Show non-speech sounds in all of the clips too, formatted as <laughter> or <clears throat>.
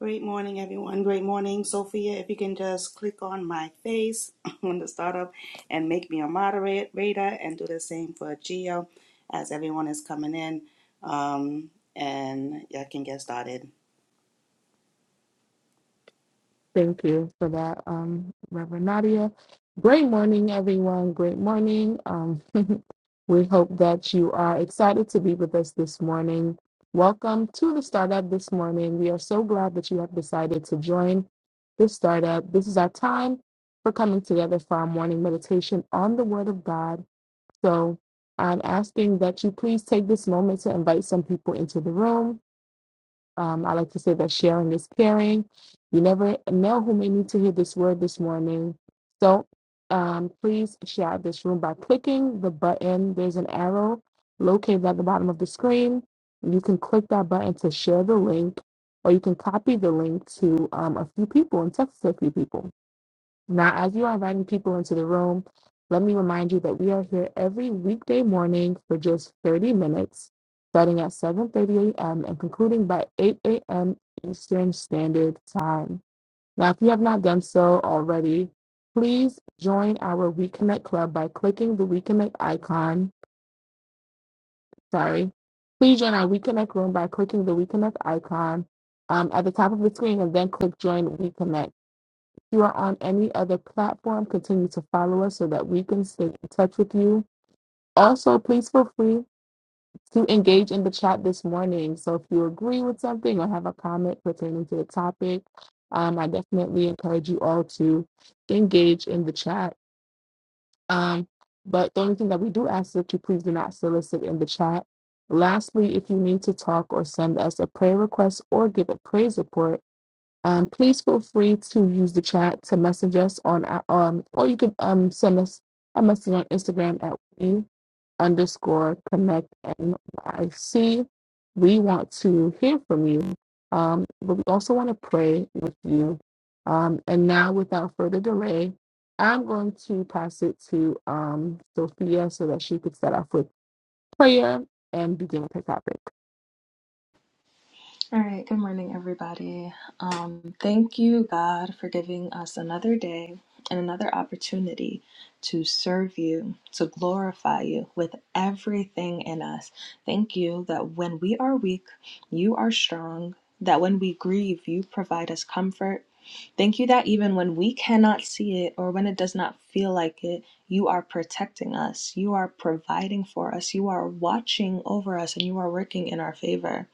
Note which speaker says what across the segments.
Speaker 1: Great morning, everyone. Great morning, Sophia. If you can just click on my face <laughs> on the startup and make me a moderator, and do the same for Geo as everyone is coming in, um, and y'all can get started.
Speaker 2: Thank you for that, um, Reverend Nadia. Great morning, everyone. Great morning. Um, <laughs> we hope that you are excited to be with us this morning. Welcome to the startup this morning. We are so glad that you have decided to join this startup. This is our time for coming together for our morning meditation on the Word of God. So I'm asking that you please take this moment to invite some people into the room um, I like to say that sharing is caring. You never know who may need to hear this word this morning. So um, please share this room by clicking the button. There's an arrow located at the bottom of the screen. You can click that button to share the link, or you can copy the link to um, a few people and text it to a few people. Now, as you are inviting people into the room, let me remind you that we are here every weekday morning for just 30 minutes, starting at 7:30 a.m. and concluding by 8 a.m. Eastern Standard Time. Now, if you have not done so already, please join our WeConnect Club by clicking the WeConnect icon. Sorry. Please join our WeConnect room by clicking the WeConnect icon um, at the top of the screen and then click Join WeConnect you are on any other platform, continue to follow us so that we can stay in touch with you. Also, please feel free to engage in the chat this morning. So, if you agree with something or have a comment pertaining to the topic, um, I definitely encourage you all to engage in the chat. Um, but the only thing that we do ask is that you please do not solicit in the chat. Lastly, if you need to talk or send us a prayer request or give a praise report, um, please feel free to use the chat to message us on our, um, or you could um send us a message on Instagram at we underscore connect NYC. We want to hear from you, um, but we also want to pray with you. Um, and now, without further delay, I'm going to pass it to um, Sophia so that she could start off with prayer and begin with her topic.
Speaker 3: All right, good morning, everybody. Um, thank you, God, for giving us another day and another opportunity to serve you, to glorify you with everything in us. Thank you that when we are weak, you are strong, that when we grieve, you provide us comfort. Thank you that even when we cannot see it or when it does not feel like it, you are protecting us, you are providing for us, you are watching over us, and you are working in our favor.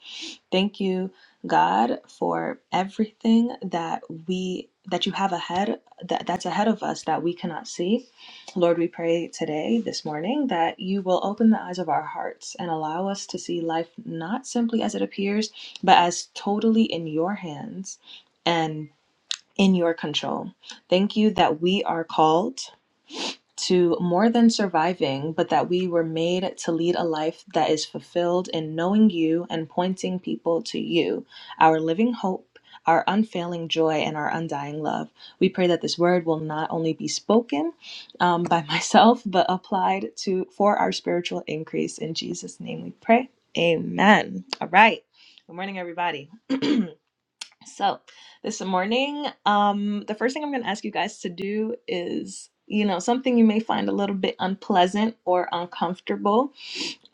Speaker 3: Thank you, God, for everything that we that you have ahead that, that's ahead of us that we cannot see. Lord, we pray today, this morning, that you will open the eyes of our hearts and allow us to see life not simply as it appears, but as totally in your hands and in your control. Thank you that we are called to more than surviving, but that we were made to lead a life that is fulfilled in knowing you and pointing people to you, our living hope, our unfailing joy, and our undying love. We pray that this word will not only be spoken um, by <laughs> myself, but applied to for our spiritual increase. In Jesus' name we pray. Amen. All right. Good morning, everybody. <clears throat> So, this morning, um, the first thing I'm going to ask you guys to do is, you know, something you may find a little bit unpleasant or uncomfortable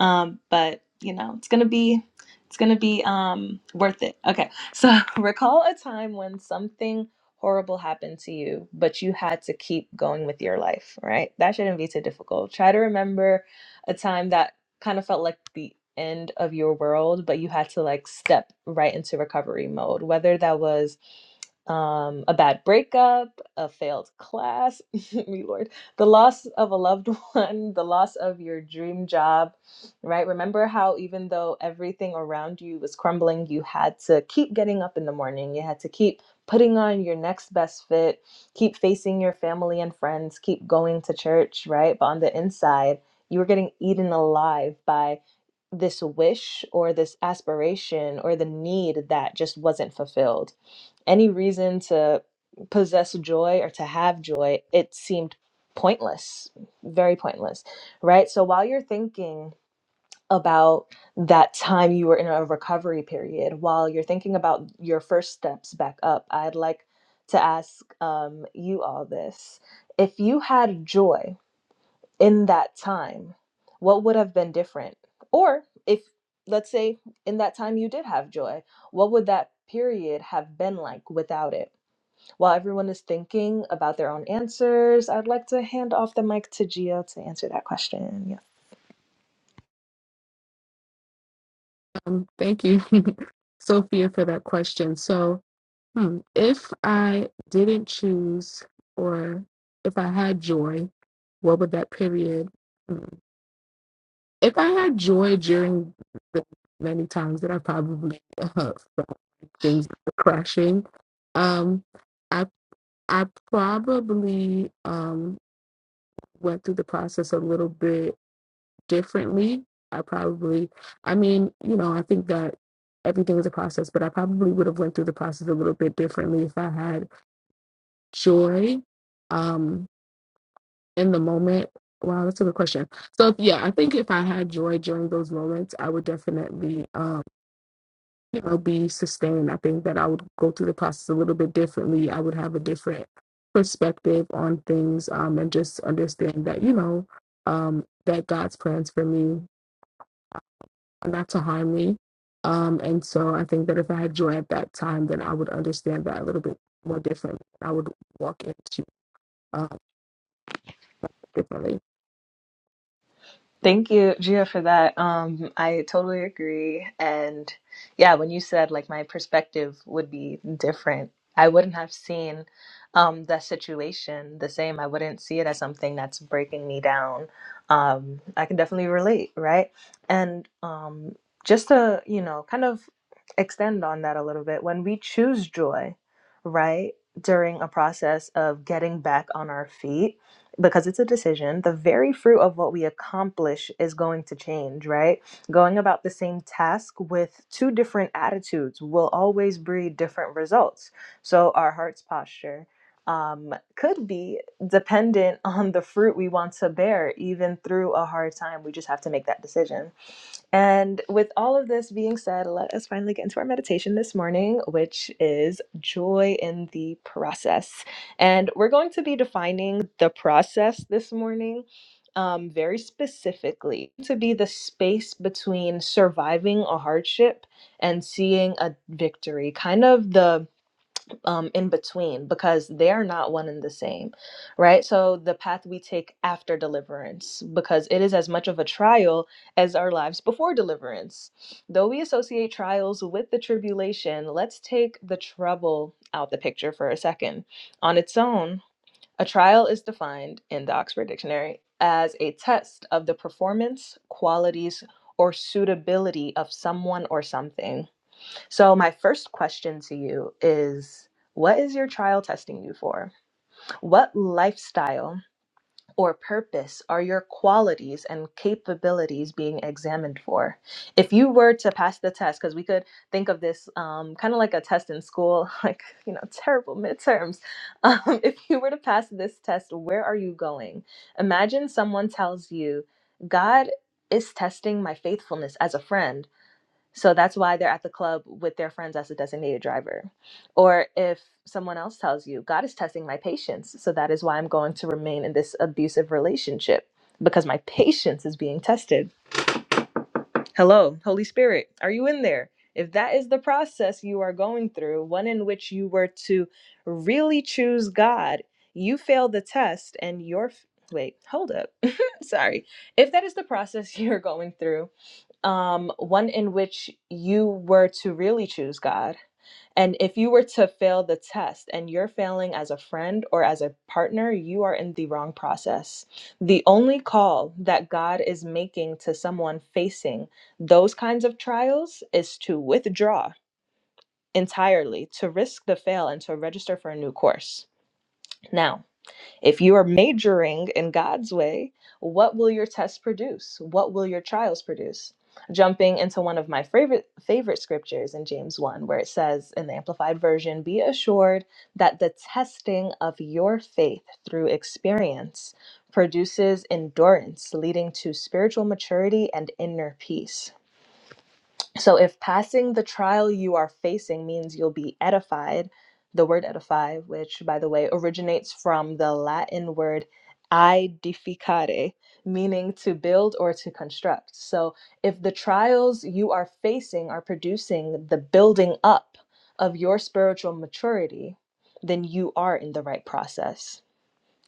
Speaker 3: um, but you know it's gonna be it's gonna be um, worth it okay so <laughs> recall a time when something horrible happened to you but you had to keep going with your life right that shouldn't be too difficult try to remember a time that kind of felt like the end of your world but you had to like step right into recovery mode whether that was um, a bad breakup, a failed class, <laughs> me Lord, the loss of a loved <laughs> one, the loss of your dream job, right? Remember how even though everything around you was crumbling, you had to keep getting up in the morning. You had to keep putting on your next best fit, keep facing your family and friends, keep going to church, right? But on the inside, you were getting eaten alive by this wish or this aspiration or the need that just wasn't fulfilled. Any reason to possess joy or to have joy, it seemed pointless, very pointless, right? So while you're thinking about that time you were in a recovery period while you're thinking about your first steps back up i'd like to ask um, you all this if you had joy in that time what would have been different or if let's say in that time you did have joy what would that period have been like without it while everyone is thinking about their own answers i'd like to hand off the mic to gia to answer that question
Speaker 2: Thank you, <laughs> Sophia, for that question. So. Hmm. If I didn't choose, or if I had joy, what would that period? Hmm. If I had joy during the many times that I probably <laughs> uh, felt like things were crashing, um, I I probably um went through the process a little bit differently. I probably, I mean, you know, I think that everything is a process, but I probably would have went through the process a little bit differently if I had joy um in the moment wow that's a good question so yeah i think if i had joy during those moments i would definitely um you know be sustained i think that i would go through the process a little bit differently i would have a different perspective on things um and just understand that you know um that god's plans for me are not to harm me um and so i think that if i had joy at that time then i would understand that a little bit more differently i would walk into uh differently
Speaker 3: Thank you, Gia, for that. Um, I totally agree. And yeah, when you said like my perspective would be different, I wouldn't have seen um, that situation the same. I wouldn't see it as something that's breaking me down. Um, I can definitely relate, right? And um, just to, you know, kind of extend on that a little bit, when we choose joy, right, during a process of getting back on our feet, because it's a decision, the very fruit of what we accomplish is going to change, right? Going about the same task with two different attitudes will always breed different results. So, our heart's posture um, could be dependent <laughs> on the fruit we want to bear, even through a hard time. We just have to make that decision. And with all of this being said, let us finally get into our meditation this morning, which is joy in the process. And we're going to be defining the process this morning um, very specifically to be the space between surviving a hardship and seeing a victory, kind of the um, in between because they're not one and the same, right? So the path we take after deliverance, because it is as much of a trial as our lives before deliverance. Though we associate trials with the tribulation, let's take the trouble out the picture for a second. On its own, a trial is defined in the Oxford Dictionary as a test of the performance, qualities, or suitability of someone or something. So, my first question to you is What is your trial testing you for? What lifestyle or purpose are your qualities and capabilities being examined for? If you were to pass the test, because we could think of this um, kind of like a test in school, <laughs> like, you know, terrible midterms. Um, <laughs> if you were to pass this test, where are you going? Imagine someone tells you, God is testing my faithfulness as a friend so that's why they're at the club with their friends as a designated driver. Or if someone else tells you, God is testing my patience. So that is why I'm going to remain in this abusive relationship because my patience is being tested. Hello, Holy Spirit, are you in there? If that is the process you are going through, one in which you were to really choose God, you failed the test and your. Wait, hold up. <laughs> Sorry. If that is the process <laughs> you're going through, um, one in which you were to really choose God. And if you were to fail the test and you're failing as a friend or as a partner, you are in the wrong process. The only call that God is making to someone facing those kinds of trials is to withdraw entirely, to risk the fail, and to register for a new course. Now, if you are majoring in God's way, what will your tests produce? What will your trials produce? Jumping into one of my favorite favorite scriptures in James 1 where it says in the amplified version, be assured that the testing of your faith through experience produces endurance leading to spiritual maturity and inner peace. So if passing the trial you are facing means you'll be edified, the word edify, which by the way originates from the Latin word edificare, meaning to build or to construct. So if the trials you are facing are producing the building up of your spiritual maturity, then you are in the right process.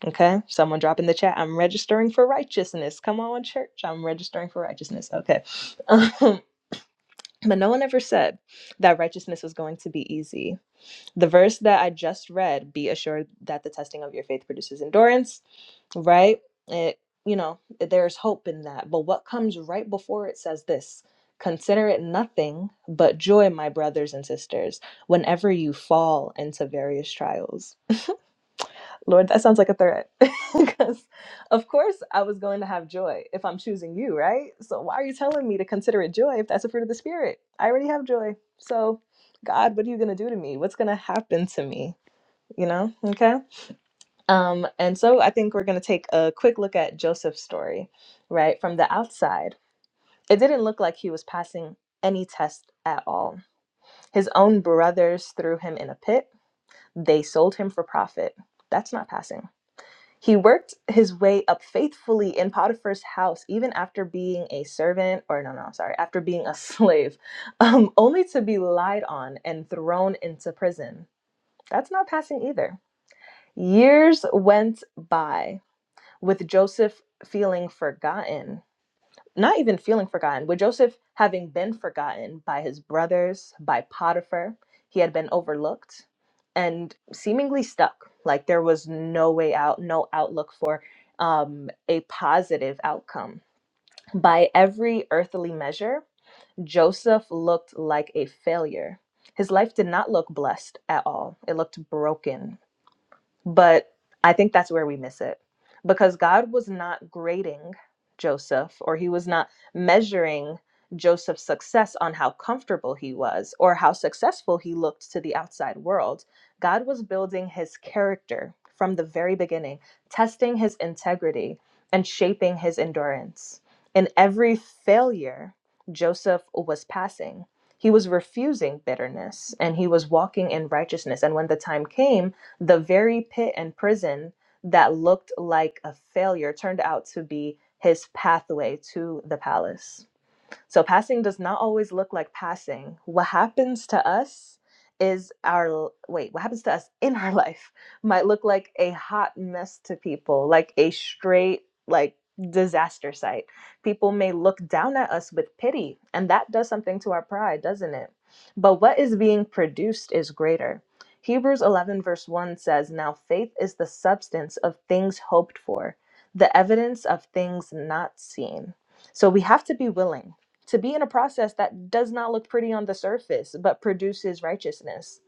Speaker 3: Okay, someone drop in the chat. I'm registering for righteousness. Come on, church. I'm registering for righteousness. Okay. <laughs> But no one ever said that righteousness was going to be easy. The verse that I just read, be assured that the testing of your faith produces endurance, right? It, you know, there's hope in that. But what comes right before it says this consider it nothing but joy, my brothers and sisters, whenever you fall into various trials Lord, that sounds like a threat. <laughs> Because, of course, I was going to have joy if I'm choosing you, right? So, why are you telling me to consider it joy if that's a fruit of the Spirit? I already have joy. So, God, what are you going to do to me? What's going to happen to me? You know? Okay. Um, and so, I think we're going to take a quick look at Joseph's story, right? From the outside, it didn't look like he was passing any test at all. His own brothers threw him in a pit, they sold him for profit. That's not passing he worked his way up faithfully in Potiphar's house, even after being a servant, or no, no, sorry, after being a <laughs> slave, um, only to be lied on and thrown into prison. That's not passing either. Years went by with Joseph feeling forgotten not even feeling forgotten, with Joseph having been forgotten by his brothers, by Potiphar, he had been overlooked and seemingly stuck. Like there was no way out, no outlook for um, a positive outcome. By every earthly measure, Joseph looked like a failure. His life did not look blessed at all, it looked broken but I think that's where we miss it because God was not grading Joseph or he was not measuring Joseph's success on how comfortable he was or how successful he looked to the outside world. God was building his character from the very beginning, testing his integrity and shaping his endurance. In every failure, Joseph was passing. He was refusing bitterness and he was walking in righteousness. And when the time came, the very pit and prison that looked like a failure turned out to be his pathway to the palace. So passing does not always look like passing. What happens to us is our wait, what happens to us in our <laughs> life might look like a hot mess to people, like a straight like disaster site. People may look down at us with pity, and that does something to our pride, doesn't it? But what is being produced is greater. Hebrews 11, verse 1 says, Now faith is the substance of things hoped for, the evidence of things not seen. So we have to be willing to be in a process that does not look pretty on the surface but produces righteousness.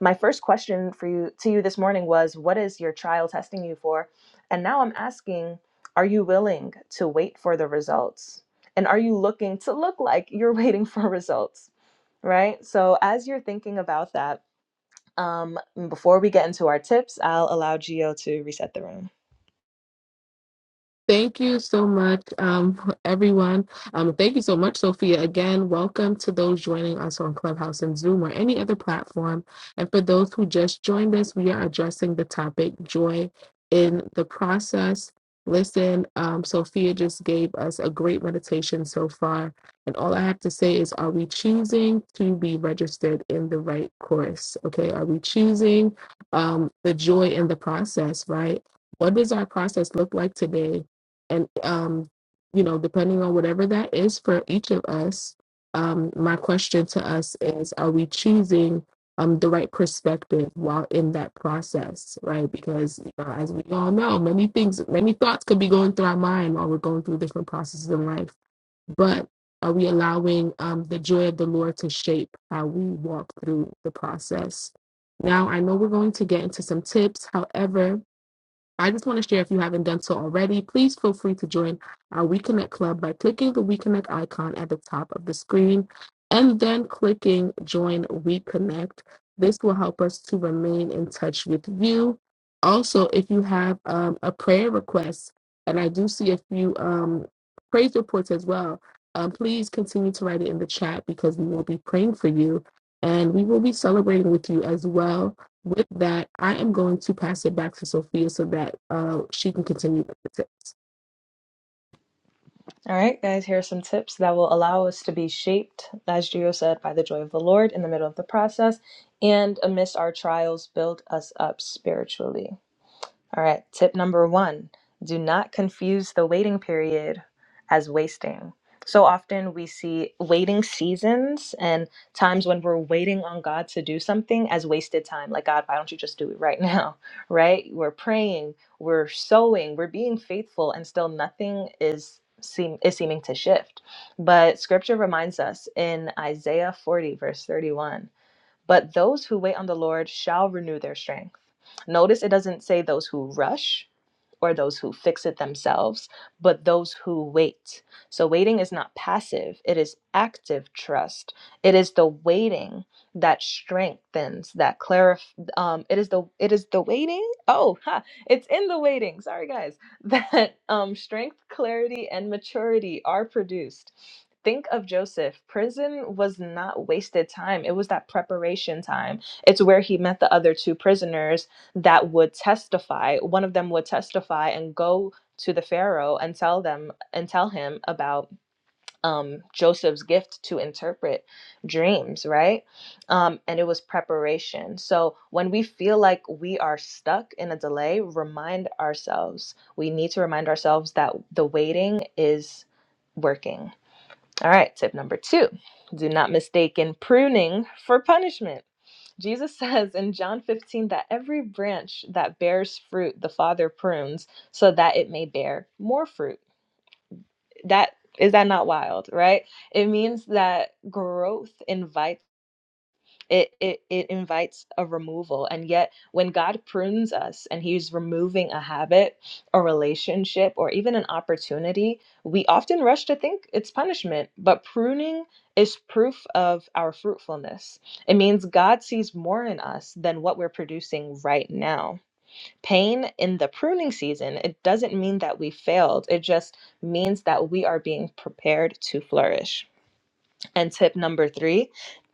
Speaker 3: My first question for you to you this morning was what is your trial testing you for? And now I'm asking are you willing to wait for the results? And are you looking to look like you're <laughs> waiting for results? Right? So as you're thinking about that, um, before we get into our tips, I'll allow Gio to reset the room.
Speaker 2: Thank you so much, um, everyone. Um, thank you so much, Sophia. Again, welcome to those joining us on Clubhouse and Zoom or any other platform. And for those who just joined us, we are addressing the topic joy in the process. Listen, um, Sophia just gave us a great meditation so far. And all I have to say is, are we choosing to be registered in the right course? Okay, are we choosing um, the joy in the process, right? What does our process look like today? and um, you know, depending on whatever that is for each of us, um, my question to us is: Are we choosing um, the right perspective while in that process, right? Because you know, as we all know, many things, many thoughts could be going through our mind while we're going through different processes in life. But are we allowing um, the joy of the Lord to shape how we walk through the process? Now, I know we're going to get into some tips. However, I just want to share if you haven't done so already, please feel free to join our WeConnect Club by clicking the WeConnect icon at the top of the screen and then clicking Join WeConnect. This will help us to remain in touch with you. Also, if you have um, a prayer request, and I do see a few um, praise reports as well, um, please continue to write it in the chat because we will be praying for you and we will be celebrating with you as well with that, I am going to pass it back to Sophia so that uh, she can continue. with the
Speaker 3: All right, guys, here are some tips that will allow us to be shaped, as Gio said, by the joy of the Lord in the middle of the process and amidst our trials, build us up spiritually. All right, tip number one do not confuse the waiting period as wasting. So often we see waiting seasons and times when we're waiting on God to do something as wasted time. Like, God, why don't you just do it right now? <laughs> Right? We're praying, we're sowing, we're being faithful, and still nothing is. Seem, is seeming to shift. But scripture reminds us in Isaiah 40, verse 31 but those who wait on the Lord shall renew their strength. Notice it doesn't say those who rush, or those who fix it themselves, but those who wait. So waiting is not passive, it is active trust. It is the waiting that strengthens, that clarif um it is the it is the waiting. Oh, ha, it's in the waiting. Sorry guys. <laughs> That um strength, clarity and maturity are produced. Think of Joseph. Prison was not wasted time. It was that preparation time. It's where he met the other two prisoners that would testify one of them would testify and go to the pharaoh and tell them and tell him about um, joseph's gift to interpret dreams right um, and it was preparation so when we feel like we are stuck in a delay remind ourselves we need to remind ourselves that the waiting is working all right tip number two do not mistaken pruning for punishment Jesus says in John 15 that every branch that bears fruit, the Father prunes so that it may bear more fruit. That is that not wild, right? It means that growth invites it, it it invites a removal and yet when god prunes us and he's removing a habit a relationship or even an opportunity we often rush to think it's punishment but pruning is proof of our fruitfulness it means god sees more in us than what we're producing right now pain in the pruning season it doesn't mean that we failed it just means that we are being prepared to flourish and tip number 3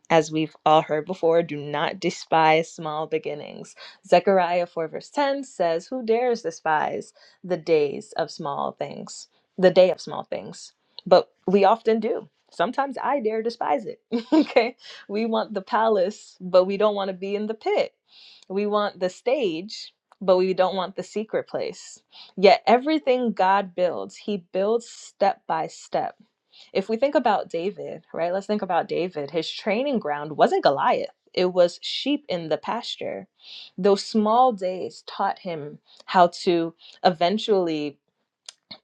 Speaker 3: as we've all heard before, do not despise small beginnings. Zechariah 4, verse 10 says, Who dares despise the days of small things, the day of small things? But we often do. Sometimes I dare despise it. <laughs> okay. We want the palace, but we don't want to be in the pit. We want the stage, but we don't want the secret place. Yet everything God builds, He builds step by step if we think about David, right? Let's think about David. His training ground wasn't Goliath. It was sheep in the pasture. Those small days taught him how to eventually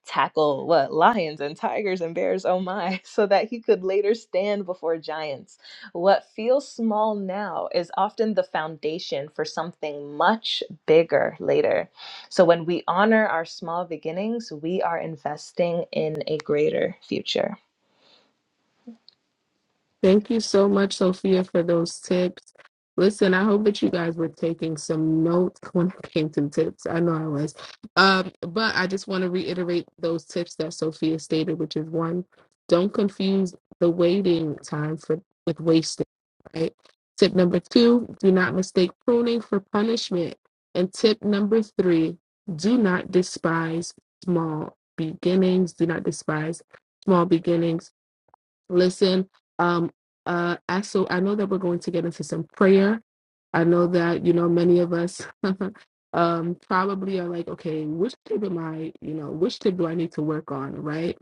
Speaker 3: tackle what lions and tigers and bears, oh my, <laughs> so that he could later stand before giants. What feels small now is often the foundation for something much bigger later. So when we honor our small beginnings, we are investing in a greater future.
Speaker 2: Thank you so much, Sophia, for those tips. Listen, I hope that you guys were taking some notes <laughs> when it came to tips. I know I was. Um, but I just want to reiterate those tips that Sophia stated, which is one, don't confuse the waiting time for with wasting, right? Tip number two, do not mistake pruning for punishment. And tip number three, do not despise small beginnings. Do not despise small beginnings Listen, um, uh, I- so I know that we're going to get into some prayer. I know that, you know, many of us <laughs> um, probably are like, okay, which tip am I, you know, which tip do I need to work on, right?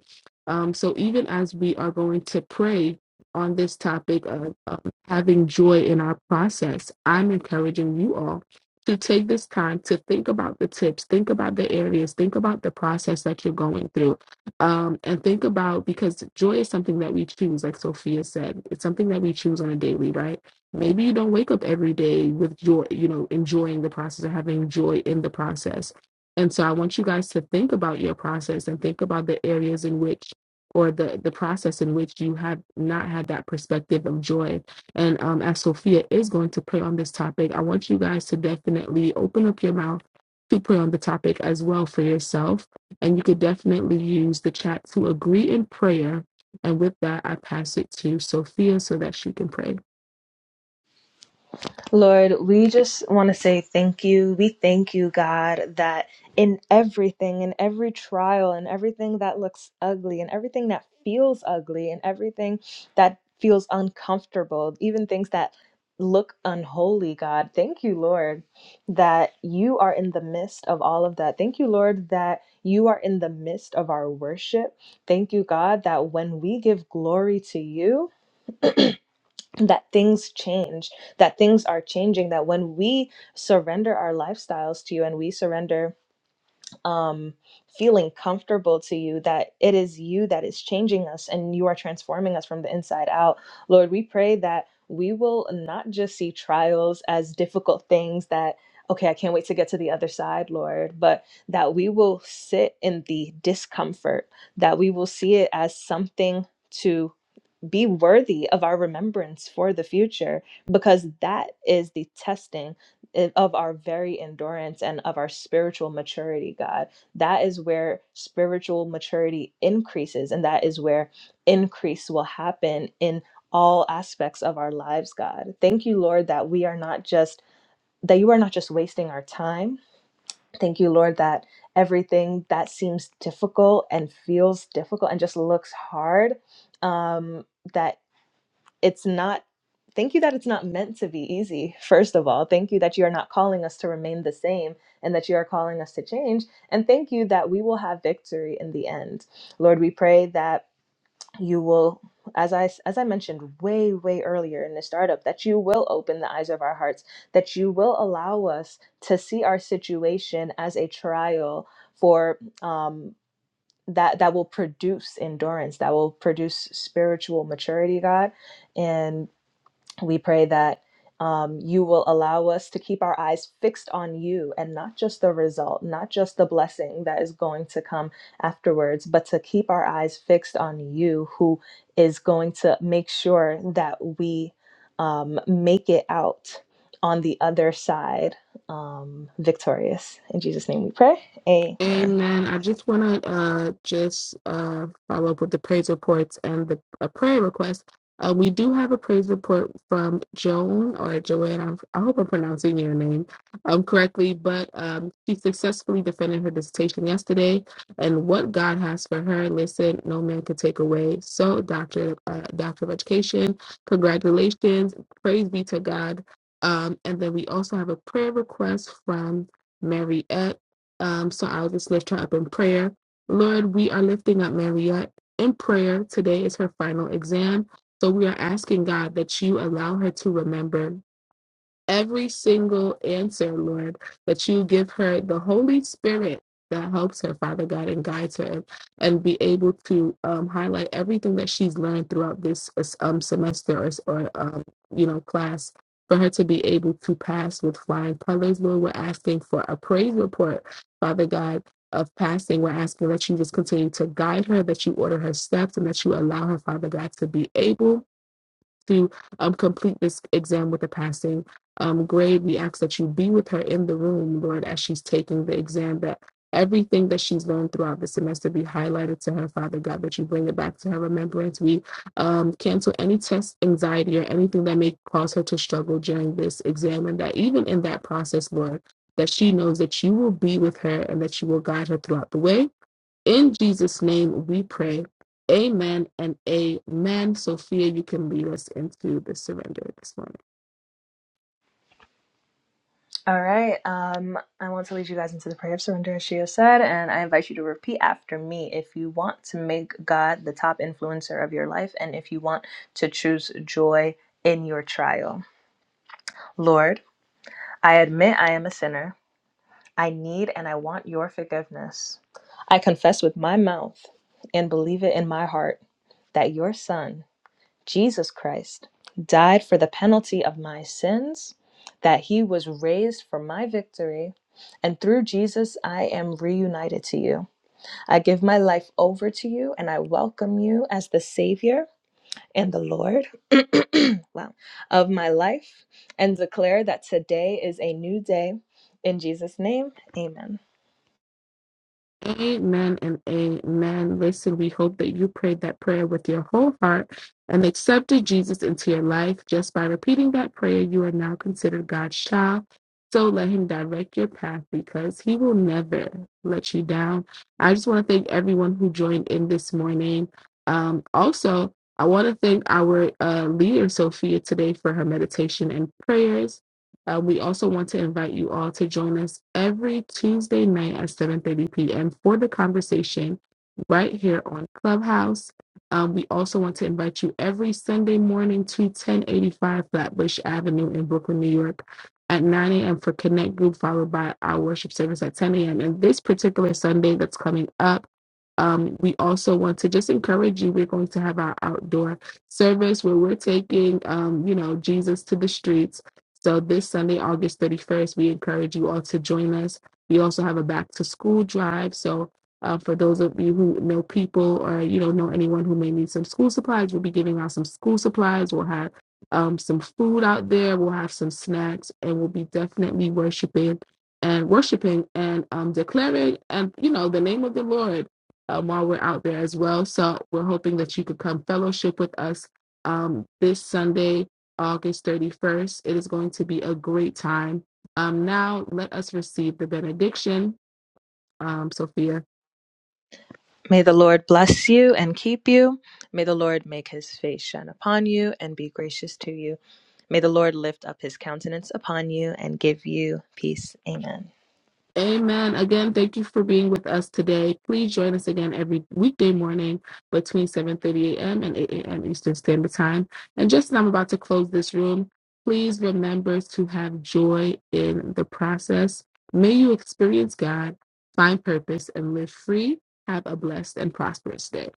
Speaker 2: Um, so even as we are going to pray on this topic of, of having joy in our process, I'm encouraging you all to take this time to think about the tips, think about the areas, think about the process that you're going through um, and think about because joy is something that we choose, like Sophia said, it's something that we choose on a daily, right? Maybe you don't wake up every day with joy, you know, enjoying the process or having joy in the process. And so I want you guys to think about your process and think about the areas in which or the the process in which you have not had that perspective of joy. And um, as Sophia is going to pray on this topic, I want you guys to definitely open up your mouth to pray on the topic as well for yourself and you could definitely use the chat to agree in prayer. And with that, I pass it to Sophia so that she can pray.
Speaker 3: Lord, we just want to say thank you. We thank you, God, that in everything, in every trial, in everything that looks ugly, and everything that feels ugly, and everything that feels uncomfortable, even things that look unholy, God, thank you, Lord, that you are in the midst of all of that. Thank you, Lord, that you are in the midst of our worship. Thank you, God, that when we give glory to you, that things change, that things are changing, that when we surrender our lifestyles to you and we surrender um, feeling comfortable to you, that it is you that is changing us and you are transforming us from the inside out. Lord, we pray that we will not just see trials as difficult things that. Okay, I can't wait to get to the other side, Lord, but that we will sit in the discomfort, that we will see it as something to be worthy of our remembrance for the future because that is the testing i- of our very endurance and of our spiritual maturity god that is where spiritual maturity increases and that is where increase will happen in all aspects of our lives god thank you lord that we are not just that you are not just wasting our time thank you lord that everything that seems difficult and feels difficult and just looks hard um, that it's not thank you that it's not meant to be easy first of all thank you that you are not calling us to remain the same and that you are calling us to change and thank you that we will have victory in the end lord we pray that you will as i as i mentioned way way earlier in the startup that you will open the eyes of our hearts that you will allow us to see our situation as a trial for um that that will produce endurance that will produce spiritual maturity god and we pray that um, you will allow us to keep our eyes fixed on you and not just the result, not just the blessing that is going to come afterwards, but to keep our eyes fixed on you, who is going to make sure that we um, make it out on the other side um, victorious. In Jesus' name we pray. Amen.
Speaker 2: Amen. I just want to uh, just uh, follow up with the praise reports and the a prayer request. Uh, we do have a praise report from Joan or Joanne. I'm, I hope I'm pronouncing your name um, correctly, but um, she successfully defended her dissertation yesterday. And what God has for her, listen, no man can take away. So, Doctor, uh, Doctor of Education, congratulations. Praise be to God. Um, and then we also have a prayer request from Mariette. Um, so I'll just lift her up in prayer. Lord, we are lifting up Mariette in prayer. Today is her final exam. So we are asking God that you allow her to remember every single answer, Lord, that you give her the Holy Spirit that helps her, Father God, and guides her and, and be able to um, highlight everything that she's learned throughout this um, semester or, or um, you know, class. For her to be able to pass with flying colors, Lord, we're asking for a praise report, Father God, of passing. We're asking that you just continue to guide her, that you order her steps, and that you allow her, Father God, to be able to um, complete this exam with a passing um, grade. We ask that you be with her in the room, Lord, as she's taking the exam, that everything that she's learned throughout the semester be highlighted to her, Father God, that you bring it back to her remembrance. We um, cancel any test anxiety or anything that may cause her to struggle during this exam, and that even in that process, Lord, that she knows that you will be with her and that you will guide her throughout the way in Jesus' name we pray. Amen and amen. Sophia, you can lead us into the surrender this morning.
Speaker 3: All right. Um, I want to lead you guys into the prayer of surrender, as Shio said, and I invite you to repeat after me if you want to make God the top influencer of your life and if you want to choose joy in your trial. Lord, I admit I am a sinner. I need and I want your forgiveness. I confess with my mouth and believe it in my heart that your Son Jesus Christ died for the penalty of my sins, that he was raised for my victory, and through Jesus I am reunited to you. I give my life over to you and I welcome you as the Savior and the Lord wow, of my life and declare that today is a new day. In Jesus' name, amen.
Speaker 2: Amen and amen. Listen, we hope that you prayed that prayer with your whole heart and accepted Jesus into your life. Just by repeating that prayer, you are now considered God's child. So let Him direct your path because He will never let you down. I just want to thank everyone who joined in this morning. Um, also, I want to thank our uh, leader, Sophia, today for her meditation and prayers. Uh, we also want to invite you all to join us every Tuesday night at 7:30 p.m. for the conversation right here on Clubhouse. Um, we also want to invite you every Sunday morning to 1085 Flatbush Avenue in Brooklyn, New York at 9 a.m. for Connect Group, followed by our worship service at 10 a.m. And this particular Sunday that's coming up, um, we also want to just encourage you. We're going to have our outdoor service where we're taking, um, you know, Jesus to the streets so this Sunday, August 31st, we encourage you all to join us. We also have a back to school drive. So uh, for those of you who know people or you don't know anyone who may need some school supplies, we'll be giving out some school supplies. We'll have um, some food out there. We'll have some snacks, and we'll be definitely worshiping and worshiping and um, declaring and you know the name of the Lord um, while we're out there as well. So we're hoping that you could come fellowship with us um, this Sunday. August 31st. It is going to be a great time. Um, now, let us receive the benediction. Um, Sophia.
Speaker 3: May the Lord bless you and keep you. May the Lord make his face shine upon you and be gracious to you. May the Lord lift up his countenance upon you and give you peace. Amen.
Speaker 2: Amen. Again, thank you for being with us today. Please join us again every weekday morning between 7:30 a.m. and 8 a.m. Eastern Standard Time. And just as I'm about to close this room, please remember to have joy in the process. May you experience God, find purpose, and live free. Have a blessed and prosperous day.